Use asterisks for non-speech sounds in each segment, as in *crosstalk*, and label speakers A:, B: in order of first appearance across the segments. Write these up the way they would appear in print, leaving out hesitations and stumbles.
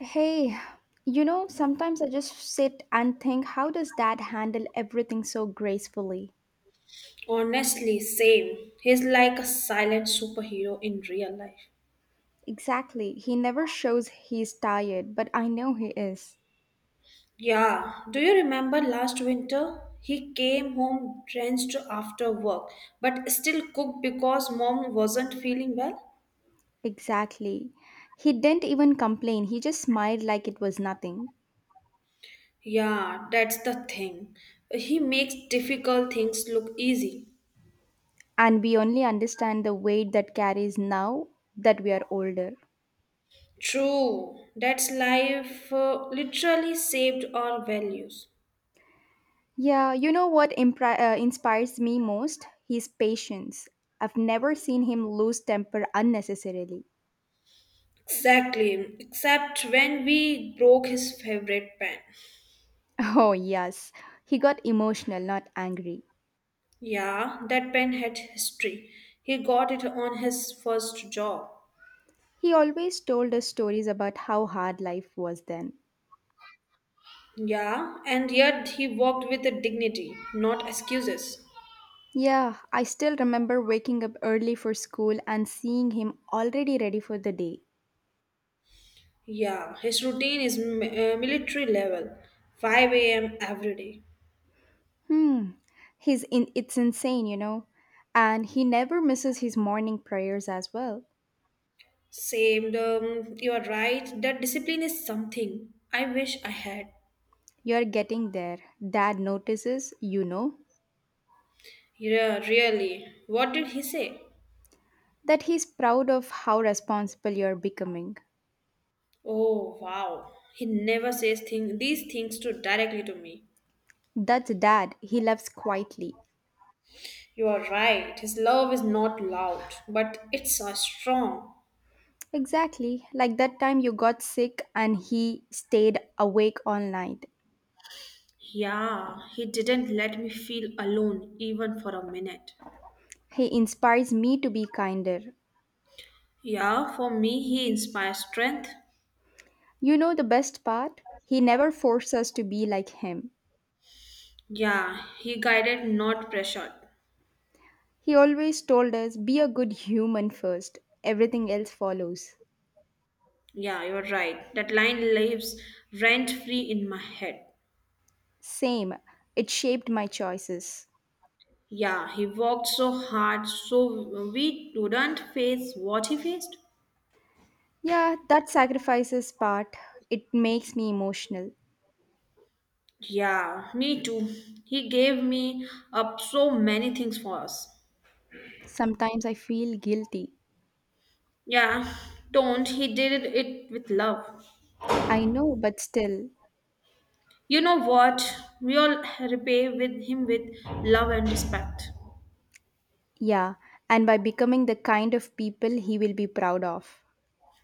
A: Hey, sometimes I just sit and think, how does dad handle everything so gracefully?
B: Honestly, same. He's like a silent superhero in real life.
A: Exactly. He never shows he's tired, but I know he is.
B: Yeah, do you remember last winter? He came home drenched after work, but still cooked because mom wasn't feeling well?
A: Exactly. He didn't even complain, he just smiled like it was nothing.
B: Yeah, that's the thing. He makes difficult things look easy.
A: And we only understand the weight that carries now that we are older.
B: True, that's life literally saved our values.
A: Yeah, you know what inspires me most? His patience. I've never seen him lose temper unnecessarily.
B: Exactly, except when we broke his favorite pen.
A: Oh, yes. He got emotional, not angry.
B: Yeah, that pen had history. He got it on his first job.
A: He always told us stories about how hard life was then.
B: Yeah, and yet he worked with a dignity, not excuses.
A: Yeah, I still remember waking up early for school and seeing him already ready for the day.
B: Yeah, his routine is military level, 5 a.m. every day.
A: Hmm. He's in it's insane. And he never misses his morning prayers as well.
B: Same, you are right, that discipline is something I wish I had.
A: You're getting there. Dad notices,
B: Yeah, really. What did he say?
A: that he's proud of how responsible you're becoming.
B: Oh, wow. He never says these things to directly to me.
A: That's dad. He loves quietly.
B: You are right. His love is not loud, but it's strong.
A: Exactly, like that time you got sick and he stayed awake all night.
B: Yeah, he didn't let me feel alone even for a minute.
A: He inspires me to be kinder.
B: Yeah, for me, he inspires strength.
A: You know the best part? He never forced us to be like him.
B: Yeah, he guided, not pressured.
A: He always told us, be a good human first, everything else follows.
B: Yeah, you're right. That line lives rent free in my head.
A: Same, it shaped my choices.
B: Yeah, he worked so hard so we wouldn't face what he faced.
A: Yeah, that sacrifices part, it makes me emotional.
B: Yeah, me too. He gave me up so many things for us.
A: Sometimes I feel guilty.
B: Yeah, don't. He did it with love.
A: I know, but still,
B: You know what? We all repay with him with love and respect.
A: yeah, and by becoming the kind of people he will be proud of.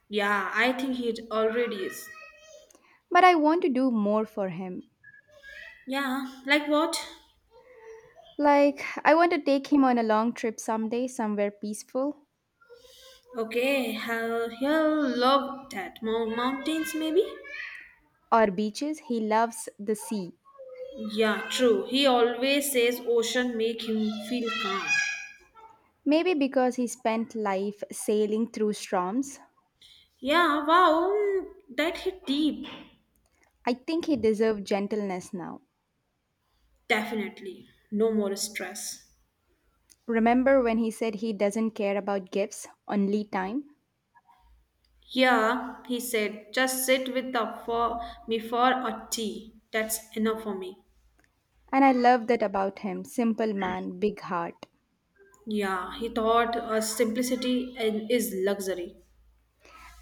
B: Yeah, I think he already is.
A: But I want to do more for him.
B: Yeah, like what?
A: Like, I want to take him on a long trip someday, somewhere peaceful
B: Okay, he'll love that. Mountains, maybe?
A: or beaches. He loves the sea.
B: Yeah, true. He always says ocean make him feel calm.
A: Maybe because he spent life sailing through storms.
B: Yeah, wow, that hit deep.
A: I think he deserves gentleness now.
B: Definitely. No more stress.
A: Remember when he said he doesn't care about gifts, only time?
B: Yeah, he said, just sit with the for me for a tea. That's enough for me.
A: And I love that about him. Simple man, big heart.
B: Yeah, he thought simplicity and is luxury.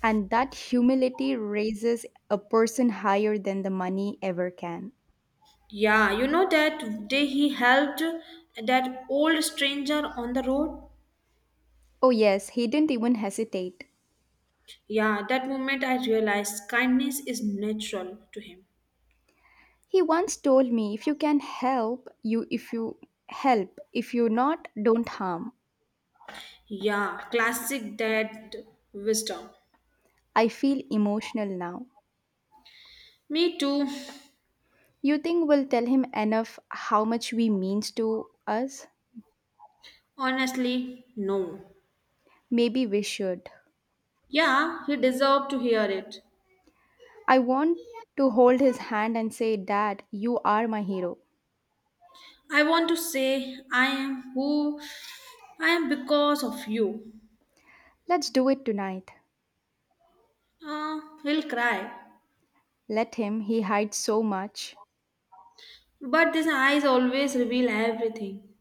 A: And that humility raises a person higher than the money ever can.
B: Yeah, you know that day he helped that old stranger on the road?
A: Oh, yes, he didn't even hesitate.
B: Yeah, that moment I realized kindness is natural to him.
A: He once told me, if you can help, you if you help, if you not, don't harm.
B: Yeah, classic dad wisdom.
A: I feel emotional now.
B: Me too.
A: You think we'll tell him enough how much we means to us?
B: Honestly, no.
A: Maybe we should.
B: Yeah, he deserved to hear it.
A: I want to hold his hand and say, Dad, you are my hero.
B: I want to say I am who I am because of you.
A: Let's do it tonight.
B: He'll cry.
A: Let him, he hides so much.
B: But his eyes always reveal everything.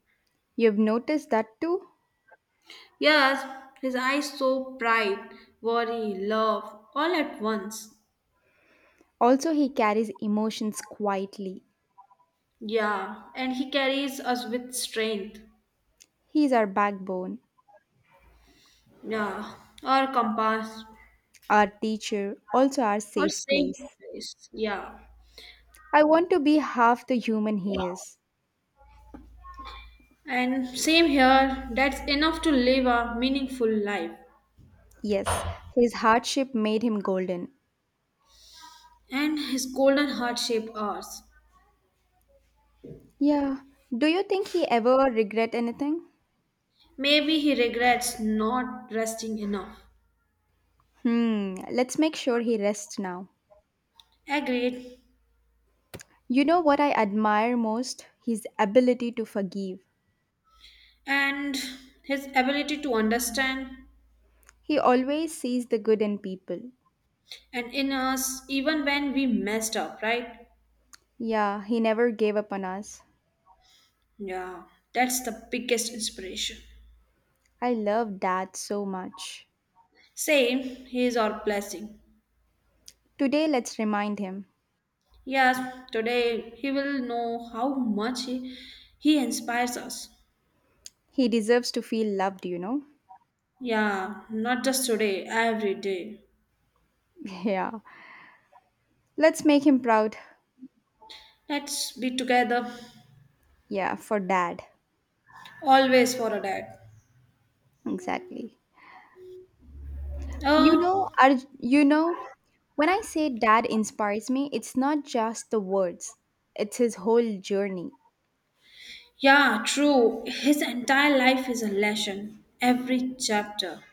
A: You've noticed that too?
B: Yes, his eyes so pride, worry, love, all at once.
A: Also, he carries emotions quietly.
B: Yeah, and he carries us with strength.
A: He's our backbone,
B: Yeah, or compass,
A: our teacher, also our
B: or
A: safe
B: safe
A: place.
B: place. Yeah,
A: I want to be half the human he is.
B: and same here. That's enough to live a meaningful life.
A: Yes, his hardship made him golden.
B: And his golden heart shaped ours.
A: Yeah. Do you think he ever regret anything?
B: Maybe he regrets not resting enough.
A: Let's make sure he rests now.
B: Agreed.
A: You know what I admire most? His ability to forgive.
B: And his ability to understand
A: He always sees the good in people.
B: and in us even when we messed up, right?
A: Yeah, he never gave up on us.
B: Yeah, that's the biggest inspiration.
A: I love dad so much.
B: Same, he is our blessing.
A: Today, let's remind him.
B: Yes, today he will know how much he inspires us.
A: He deserves to feel loved, you know?
B: Yeah, not just today, every day.
A: *laughs* Yeah. Let's make him proud.
B: Let's be together
A: Yeah, for dad.
B: always for a dad.
A: Exactly. You
B: Uh,
A: know, Arj- you know, when I say dad inspires me, it's not just the words, it's his whole journey.
B: Yeah, true. His entire life is a lesson, every chapter.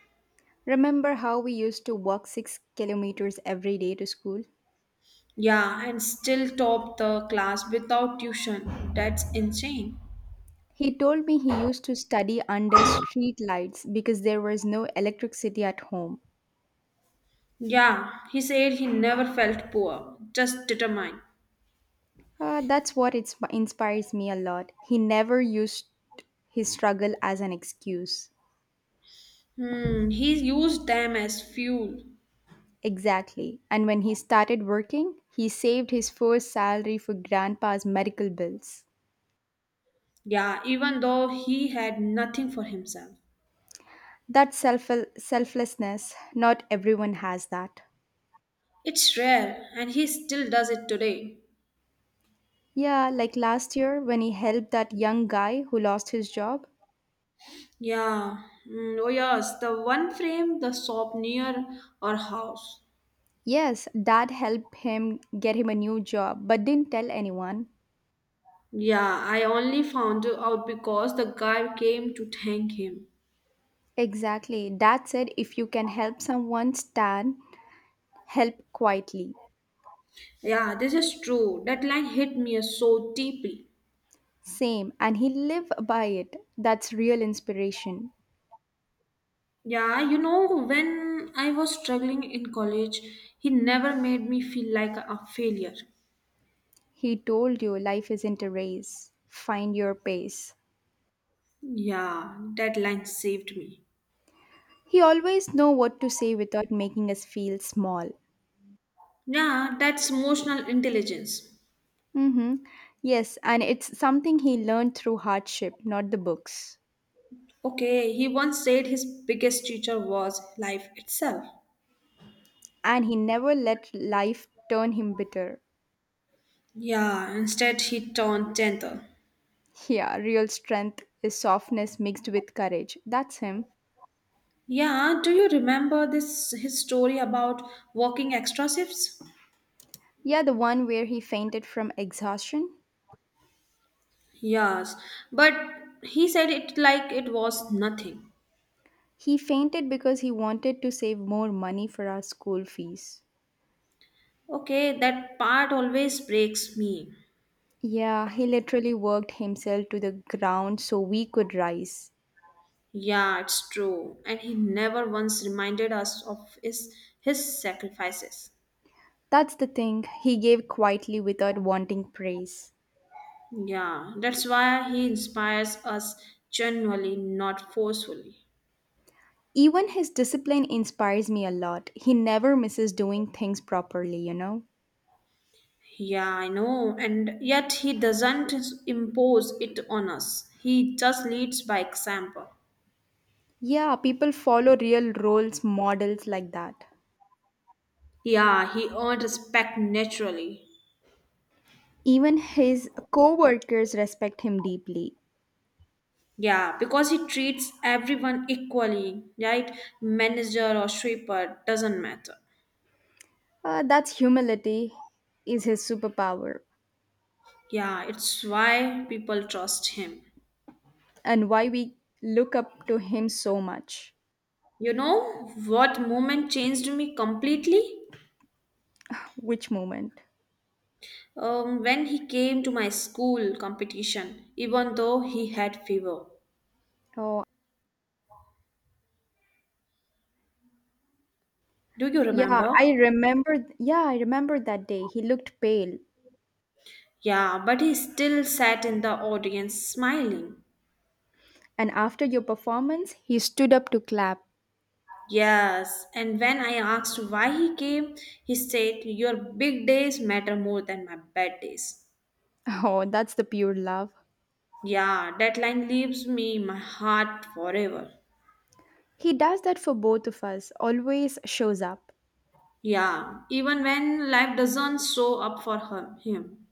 A: Remember how we used to walk 6 kilometers every day to school?
B: Yeah, and still top the class without tuition. That's insane.
A: He told me he used to study under street lights because there was no electricity at home.
B: Yeah, he said he never felt poor, just determined.
A: That's what inspires me a lot. He never used his struggle as an excuse.
B: Hmm, he used them as fuel.
A: Exactly. And when he started working, he saved his first salary for grandpa's medical bills.
B: Yeah, even though he had nothing for himself.
A: That selflessness, not everyone has that.
B: It's rare, and he still does it today.
A: Yeah, like last year when he helped that young guy who lost his job.
B: Yeah. Mm, oh yes, the one frame the shop near our house.
A: Yes, dad helped him get him a new job, but didn't tell anyone.
B: Yeah, I only found out because the guy came to thank him.
A: Exactly. Dad said if you can help someone, stand." help quietly.
B: Yeah, this is true. That line hit me so deeply.
A: Same, and he live by it. That's real inspiration.
B: Yeah, when I was struggling in college, he never made me feel like a failure.
A: He told you life isn't a race. Find your pace.
B: Yeah, that line saved me.
A: He always know what to say without making us feel small.
B: Yeah, that's emotional intelligence.
A: Mhm. Yes, and it's something he learned through hardship, not the books.
B: Okay, he once said his biggest teacher was life itself.
A: And he never let life turn him bitter.
B: Yeah, instead he turned gentle.
A: Yeah, real strength is softness mixed with courage. That's him.
B: Yeah, do you remember this his story about working extra shifts?
A: Yeah, the one where he fainted from exhaustion.
B: Yes, but he said it like it was nothing.
A: He fainted because he wanted to save more money for our school fees.
B: Okay, that part always breaks me.
A: Yeah, he literally worked himself to the ground so we could rise.
B: Yeah, it's true. And he never once reminded us of his sacrifices.
A: That's the thing, he gave quietly without wanting praise.
B: Yeah, that's why he inspires us genuinely, not forcefully.
A: Even his discipline inspires me a lot. He never misses doing things properly, you know?
B: Yeah, I know. And yet he doesn't impose it on us. He just leads by example.
A: Yeah, people follow real roles models like that.
B: Yeah, he earned respect naturally.
A: Even his co workers respect him deeply.
B: Yeah, because he treats everyone equally, right? Manager or sweeper, doesn't matter.
A: That's humility, is his superpower.
B: Yeah, it's why people trust him.
A: And why we look up to him so much.
B: You know what moment changed me completely?
A: Which moment?
B: When he came to my school competition, even though he had fever.
A: Oh,
B: Do you
A: yeah,
B: remember?
A: I remember. Yeah, I remember that day. He looked pale,
B: Yeah, but he still sat in the audience smiling.
A: and after your performance, he stood up to clap.
B: Yes, and when I asked why he came, he said, Your big days matter more than my bad days.
A: *laughs* Oh, that's the pure love.
B: Yeah, that line leaves me in my heart forever.
A: He does that for both of us, always shows up.
B: Yeah, even when life doesn't show up for her, him.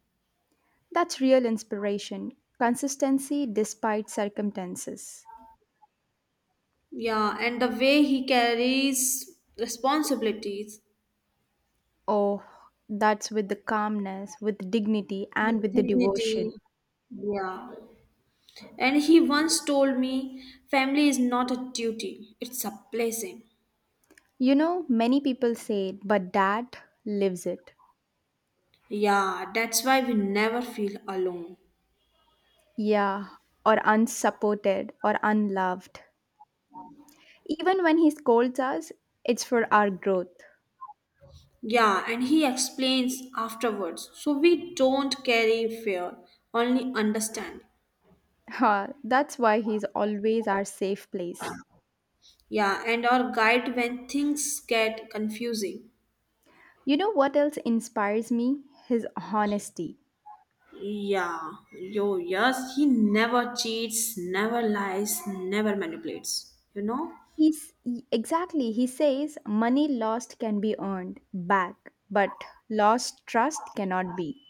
A: That's real inspiration, consistency despite circumstances.
B: Yeah, and the way he carries responsibilities
A: Oh, that's with the calmness, with dignity, and
B: with
A: with the
B: dignity.
A: devotion.
B: Yeah, and he once told me, Family is not a duty, it's a blessing.
A: Many people say it, but dad lives it.
B: Yeah, that's why we never feel alone.
A: Yeah, or unsupported or unloved. Even when he scolds us, it's for our growth.
B: Yeah, and he explains afterwards. So we don't carry fear, only understand.
A: Ha, that's why he's always our safe place.
B: Yeah, and our guide when things get confusing.
A: You know what else inspires me? His honesty.
B: Yeah, yes, he never cheats, never lies, never manipulates. You know?
A: He's exactly, he says money lost can be earned back, but lost trust cannot be.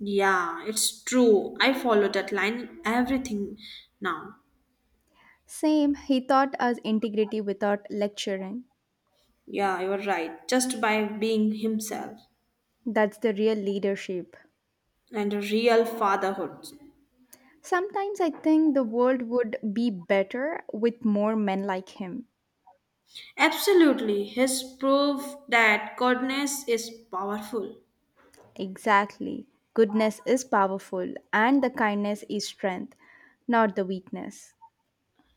B: Yeah, it's true. I follow that line in everything now.
A: Same, he taught us integrity without lecturing.
B: Yeah, you're right. Just by being himself
A: That's the real leadership.
B: and real fatherhood.
A: Sometimes I think the world would be better with more men like him.
B: Absolutely, his proof that goodness is powerful.
A: Exactly. Goodness is powerful, and the kindness is strength, not the weakness.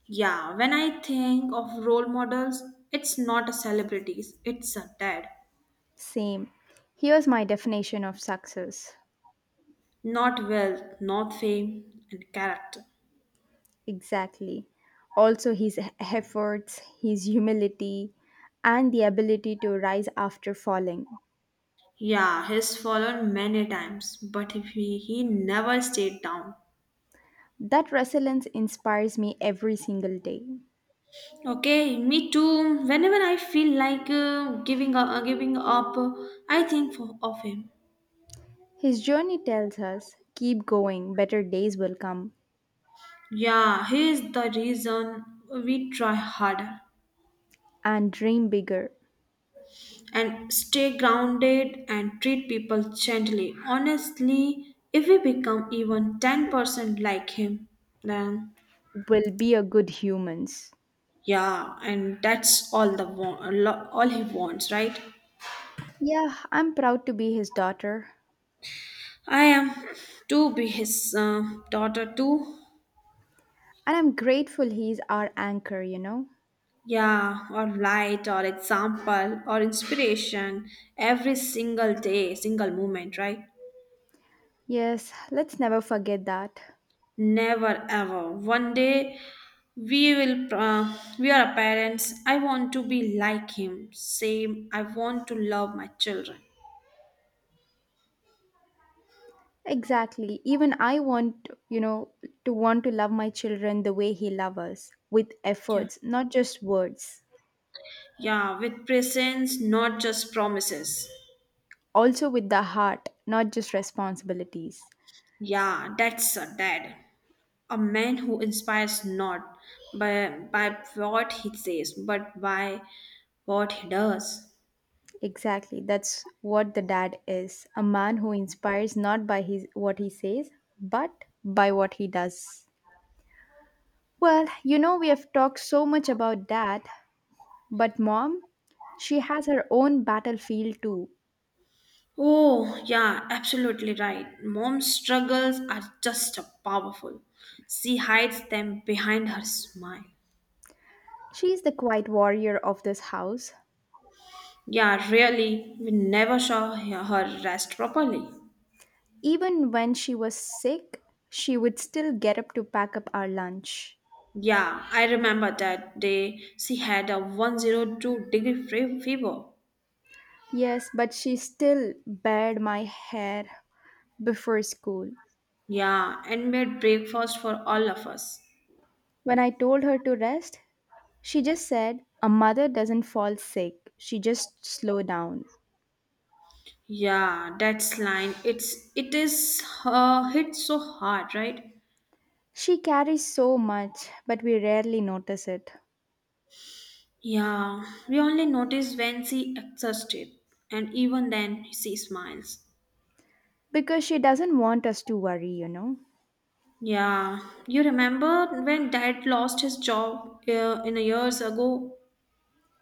B: Yeah, when I think of role models, it's not a celebrities, it's a dad.
A: Same. Here's my definition of success.
B: Not wealth, not fame, and character.
A: Exactly. Also, his efforts, his humility, and the ability to rise after falling.
B: Yeah, he's fallen many times, but he never stayed down.
A: That resilience inspires me every single day.
B: Okay, me too. Whenever I feel like giving up, I think of him.
A: His journey tells us keep going, better days will come,
B: Yeah, he is the reason we try harder,
A: and dream bigger,
B: and stay grounded and treat people gently. Honestly, if we become even 10% like him, then
A: will be a good humans.
B: yeah, and that's all the all he wants, right?
A: Yeah, I'm proud to be his daughter,
B: I am to be his daughter too.
A: and I'm grateful he's our anchor.
B: Yeah, or light, or example, or inspiration every single day, single moment, right?
A: Yes, let's never forget that.
B: Never ever. One day we are parents. I want to be like him. Same, I want to love my children.
A: Exactly. Even I want, to want to love my children the way he loves us, with
B: Yeah.
A: efforts, not just words.
B: Yeah, with presence, not just promises.
A: Also with the heart, not just responsibilities.
B: Yeah, that's a dad. A man who inspires not by what he says, but by what he does.
A: Exactly. That's what the dad is a man who inspires not by what he says, but by what he does. Well, we have talked so much about dad, but mom, she has her own battlefield too.
B: Oh, yeah, absolutely right. Mom's struggles are just a powerful. She hides them behind her smile.
A: She is the quiet warrior of this house.
B: Yeah, really, we never saw her rest properly.
A: Even when she was sick, she would still get up to pack up our lunch.
B: Yeah, I remember that day she had a 102 degree fever.
A: Yes, but she still bared my hair before school.
B: Yeah, and made breakfast for all of us.
A: When I told her to rest, she just said, A mother doesn't fall sick, she just slow down.
B: Yeah, that's line. It is hit so hard, right?
A: She carries so much, but we rarely notice it.
B: Yeah, we only notice when she exhausted, and even then she smiles.
A: Because she doesn't want us to worry.
B: Yeah, you remember when Dad lost his job in a years ago?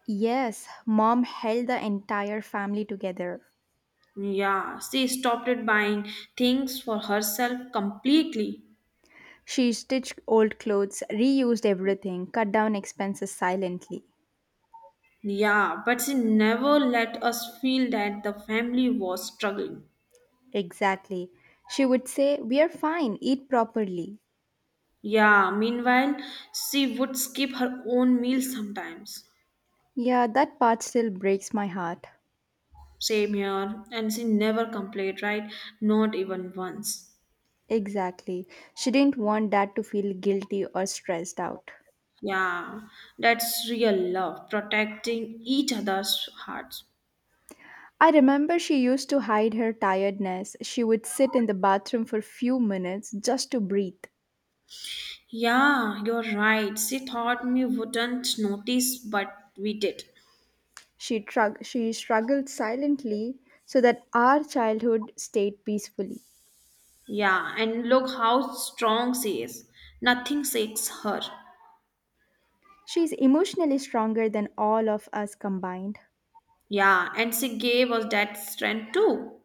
A: Yes, mom held the entire family together.
B: Yeah, she stopped it buying things for herself completely.
A: She stitched old clothes, reused everything, cut down expenses silently.
B: Yeah, but she never let us feel that the family was struggling.
A: Exactly. She would say, We are fine, eat properly.
B: Yeah, meanwhile, she would skip her own meals sometimes.
A: Yeah, that part still breaks my heart.
B: Same here, and she never complained, right? Not even once.
A: Exactly. She didn't want Dad to feel guilty or stressed out.
B: Yeah, that's real love, protecting each other's hearts.
A: I remember she used to hide her tiredness. She would sit in the bathroom for few minutes just to breathe.
B: Yeah, you're right. She thought we wouldn't notice, but we did.
A: She struggled silently so that our childhood stayed peacefully.
B: Yeah, and look how strong she is. Nothing shakes her.
A: She's emotionally stronger than all of us combined.
B: Yeah, and she gave us that strength too.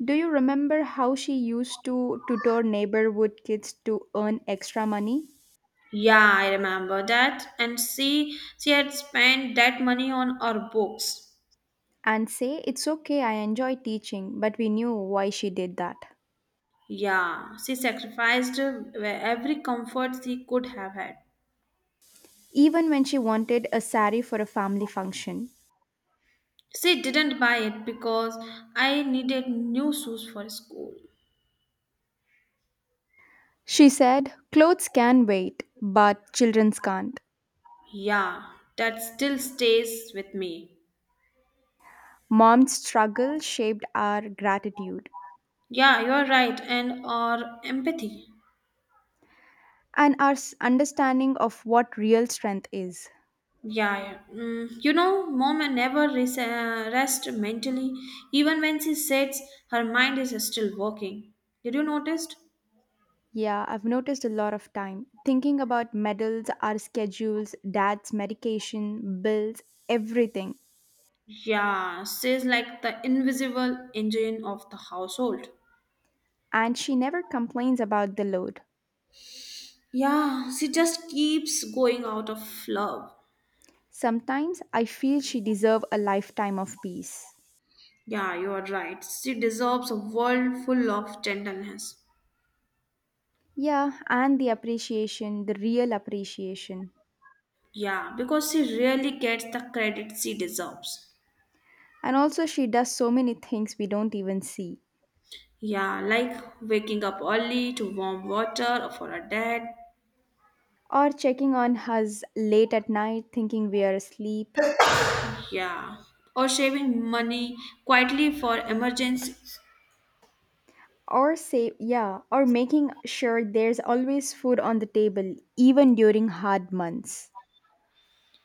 A: Do you remember how she used to tutor neighborhood kids to earn extra money
B: Yeah, I remember that. And she had spent that money on our books.
A: and say, It's okay, I enjoy teaching, but we knew why she did that?
B: Yeah, she sacrificed every comfort she could have had.
A: Even when she wanted a sari for a family function.
B: She didn't buy it because I needed new shoes for school.
A: She said, Clothes can wait, but children's can't.
B: Yeah, that still stays with me.
A: Mom's struggle shaped our gratitude
B: Yeah, you're right, and or empathy.
A: and our understanding of what real strength is.
B: Yeah, yeah. Mom never rest mentally, even when she sits, her mind is still working. Did you notice?
A: Yeah, I've noticed a lot of time thinking about medals, our schedules, dad's medication, bills, everything.
B: Yeah, she's like the invisible engine of the household.
A: And she never complains about the load.
B: Yeah, she just keeps going out of love.
A: Sometimes I feel she deserves a lifetime of peace.
B: Yeah, you are right. She deserves a world full of gentleness.
A: Yeah, and the appreciation, the real appreciation.
B: Yeah, because she really gets the credit she deserves.
A: And also, she does so many things we don't even see.
B: Yeah, like waking up early to warm water for her dad.
A: Or checking on us late at night, thinking we are asleep.
B: Yeah, or saving money quietly for emergencies.
A: Or yeah, or making sure there's always food on the table, even during hard months.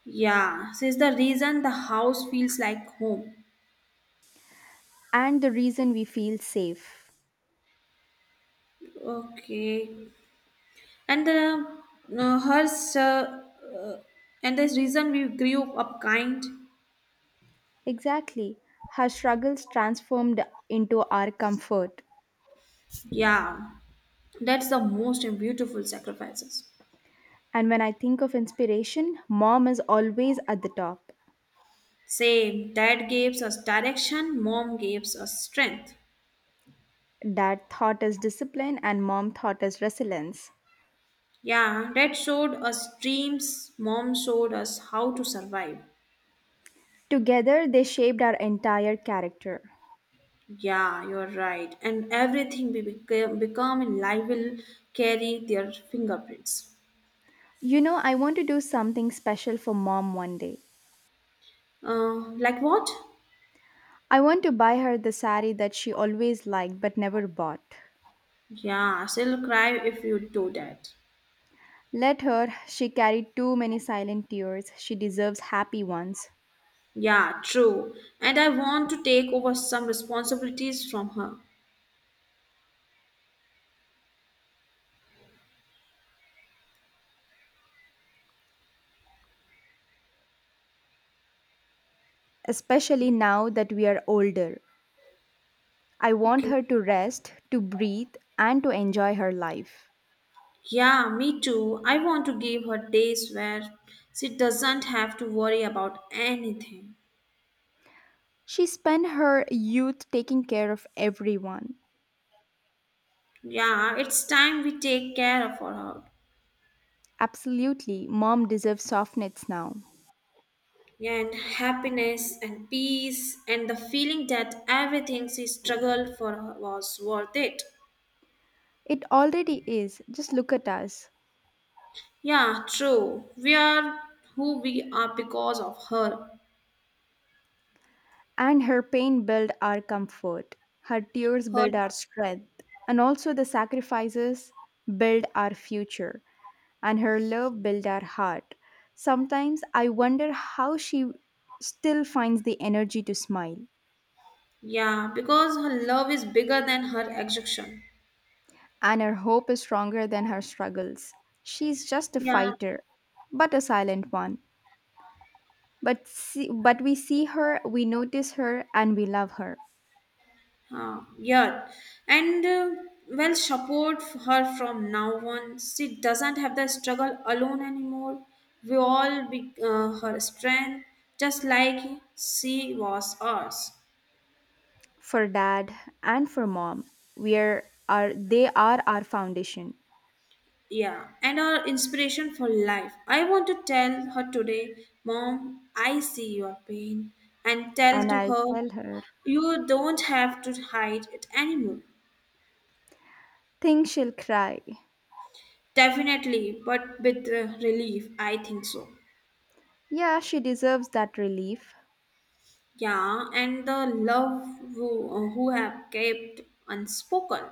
B: Yeah, this is the reason the house feels like home.
A: And the reason we feel safe.
B: Okay, and the her uh, uh, and this reason we grew up kind.
A: Exactly. Her struggles transformed into our comfort.
B: Yeah, that's the most beautiful sacrifices.
A: And when I think of inspiration, mom is always at the top.
B: Same, dad gives us direction, mom gives us strength.
A: Dad taught us discipline, and Mom taught us resilience.
B: Yeah, dad showed us dreams, mom showed us how to survive.
A: Together, they shaped our entire character.
B: Yeah, you're right. And everything we become in life will carry their fingerprints.
A: I want to do something special for Mom one day.
B: Like what?
A: I want to buy her the sari that she always liked but never bought.
B: Yeah, she'll cry if you do that.
A: Let her, she carried too many silent tears. She deserves happy ones,
B: Yeah, true. And I want to take over some responsibilities from her.
A: especially now that we are older. I want
B: Okay.
A: her to rest, to breathe, and to enjoy her life.
B: Yeah, me too. I want to give her days where she doesn't have to worry about anything.
A: She spent her youth taking care of everyone.
B: Yeah, it's time we take care of her.
A: Absolutely, mom deserves softness now.
B: And happiness and peace and the feeling that everything she struggled for was worth it.
A: It already is. Just look at us.
B: Yeah, true. We are who we are because of her.
A: And her pain build our comfort. Her tears
B: Her
A: build our strength. And also the sacrifices build our future. And her love build our heart. Sometimes I wonder how she still finds the energy to smile.
B: yeah, because her love is bigger than her exhaustion.
A: And her hope is stronger than her struggles. She's just a
B: Yeah,
A: fighter, but a silent one. But we see her, we notice her, and we love her.
B: yeah, and well, support her from now on. She doesn't have the struggle alone anymore. We all be her strength, just like she was ours.
A: For dad and for mom, we are they are our foundation.
B: Yeah, and our inspiration for life. I want to tell her today, Mom, I see your pain, and tell
A: And
B: to
A: I'll
B: her,
A: tell her,
B: you don't have to hide it anymore.
A: think she'll cry.
B: Definitely, but with relief, I think so.
A: Yeah, she deserves that relief.
B: Yeah, and the love who have kept unspoken.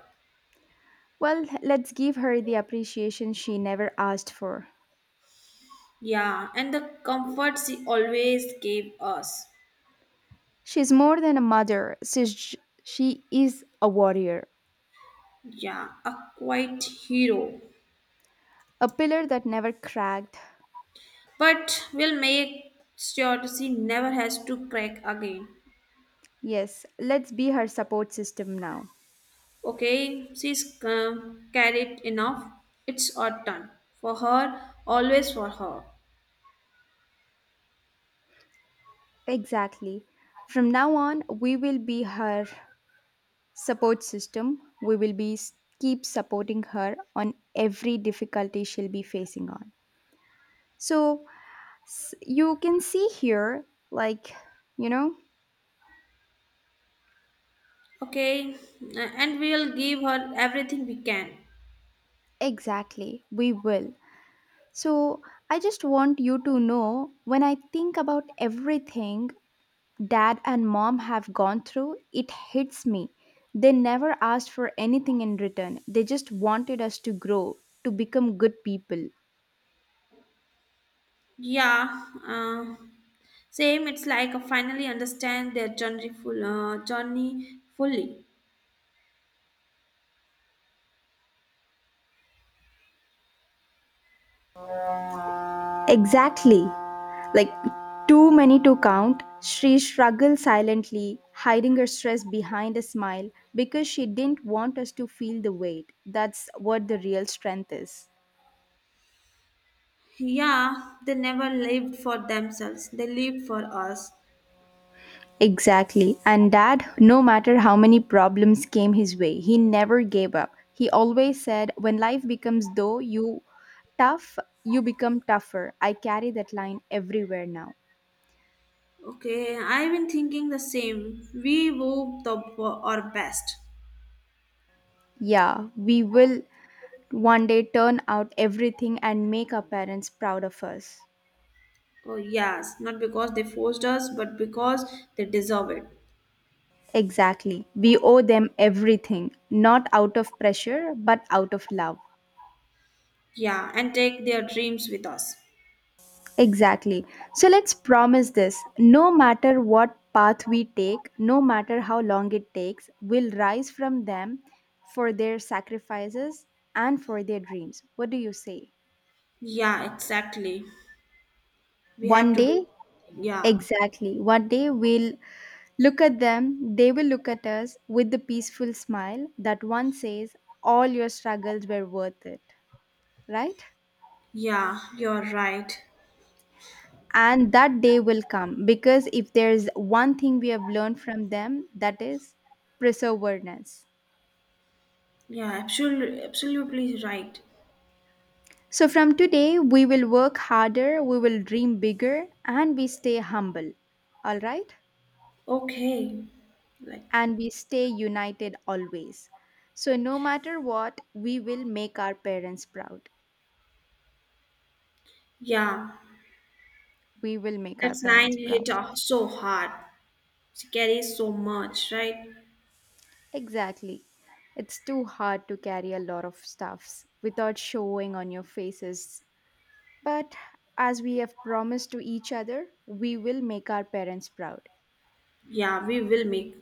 A: Well, let's give her the appreciation she never asked for.
B: Yeah, and the comforts he always gave us.
A: She's more than a mother. She is a warrior,
B: Yeah, a quiet hero.
A: a pillar that never cracked.
B: But we'll make sure she never has to crack again.
A: Yes, let's be her support system now.
B: Okay, she's carried enough. It's our turn. For her, always for her.
A: Exactly. From now on, we will be her support system. We will keep supporting her on every difficulty she'll be facing on. So you can see here, like, you know,
B: Okay, and we'll give her everything we can.
A: exactly, we will. So I just want you to know when I think about everything dad and mom have gone through, it hits me. They never asked for anything in return. They just wanted us to grow, to become good people.
B: Yeah, Same, it's like I finally understand their journey, journey fully.
A: Exactly. Like too many to count, she struggled silently, hiding her stress behind a smile because she didn't want us to feel the weight. That's what the real strength is.
B: Yeah, they never lived for themselves, they lived for us.
A: Exactly. And dad, no matter how many problems came his way, he never gave up. He always said, When life becomes though, you Tough, you become tougher. I carry that line everywhere now.
B: Okay, I've been thinking the same. We wove our best.
A: Yeah, we will one day turn out everything and make our parents proud of us.
B: Oh, yes, not because they forced us, but because they deserve it.
A: Exactly. We owe them everything, not out of pressure, but out of love.
B: Yeah, and take their dreams with us.
A: Exactly. So let's promise this no matter what path we take, no matter how long it takes, we'll rise from them for their sacrifices and for their dreams. What do you say?
B: Yeah, exactly. We have
A: One
B: to do
A: day,
B: Yeah,
A: exactly. What they will look at them, they will look at us with the peaceful smile that one says, All your struggles were worth it, right?
B: yeah, you're right.
A: And that day will come because if there's one thing we have learned from them, that is perseverance.
B: Yeah, absolutely, absolutely right.
A: So from today, we will work harder, we will dream bigger, and we stay humble, all right?
B: Okay. Like,
A: And we stay united always. So, no matter what, we will make our parents proud.
B: yeah,
A: We will make our
B: that
A: parents
B: line
A: proud.
B: hit so hard. She carries so much, right?
A: Exactly. It's too hard to carry a lot of stuffs without showing on your faces. But as we have promised to each other, we will make our parents proud.
B: Yeah, we will make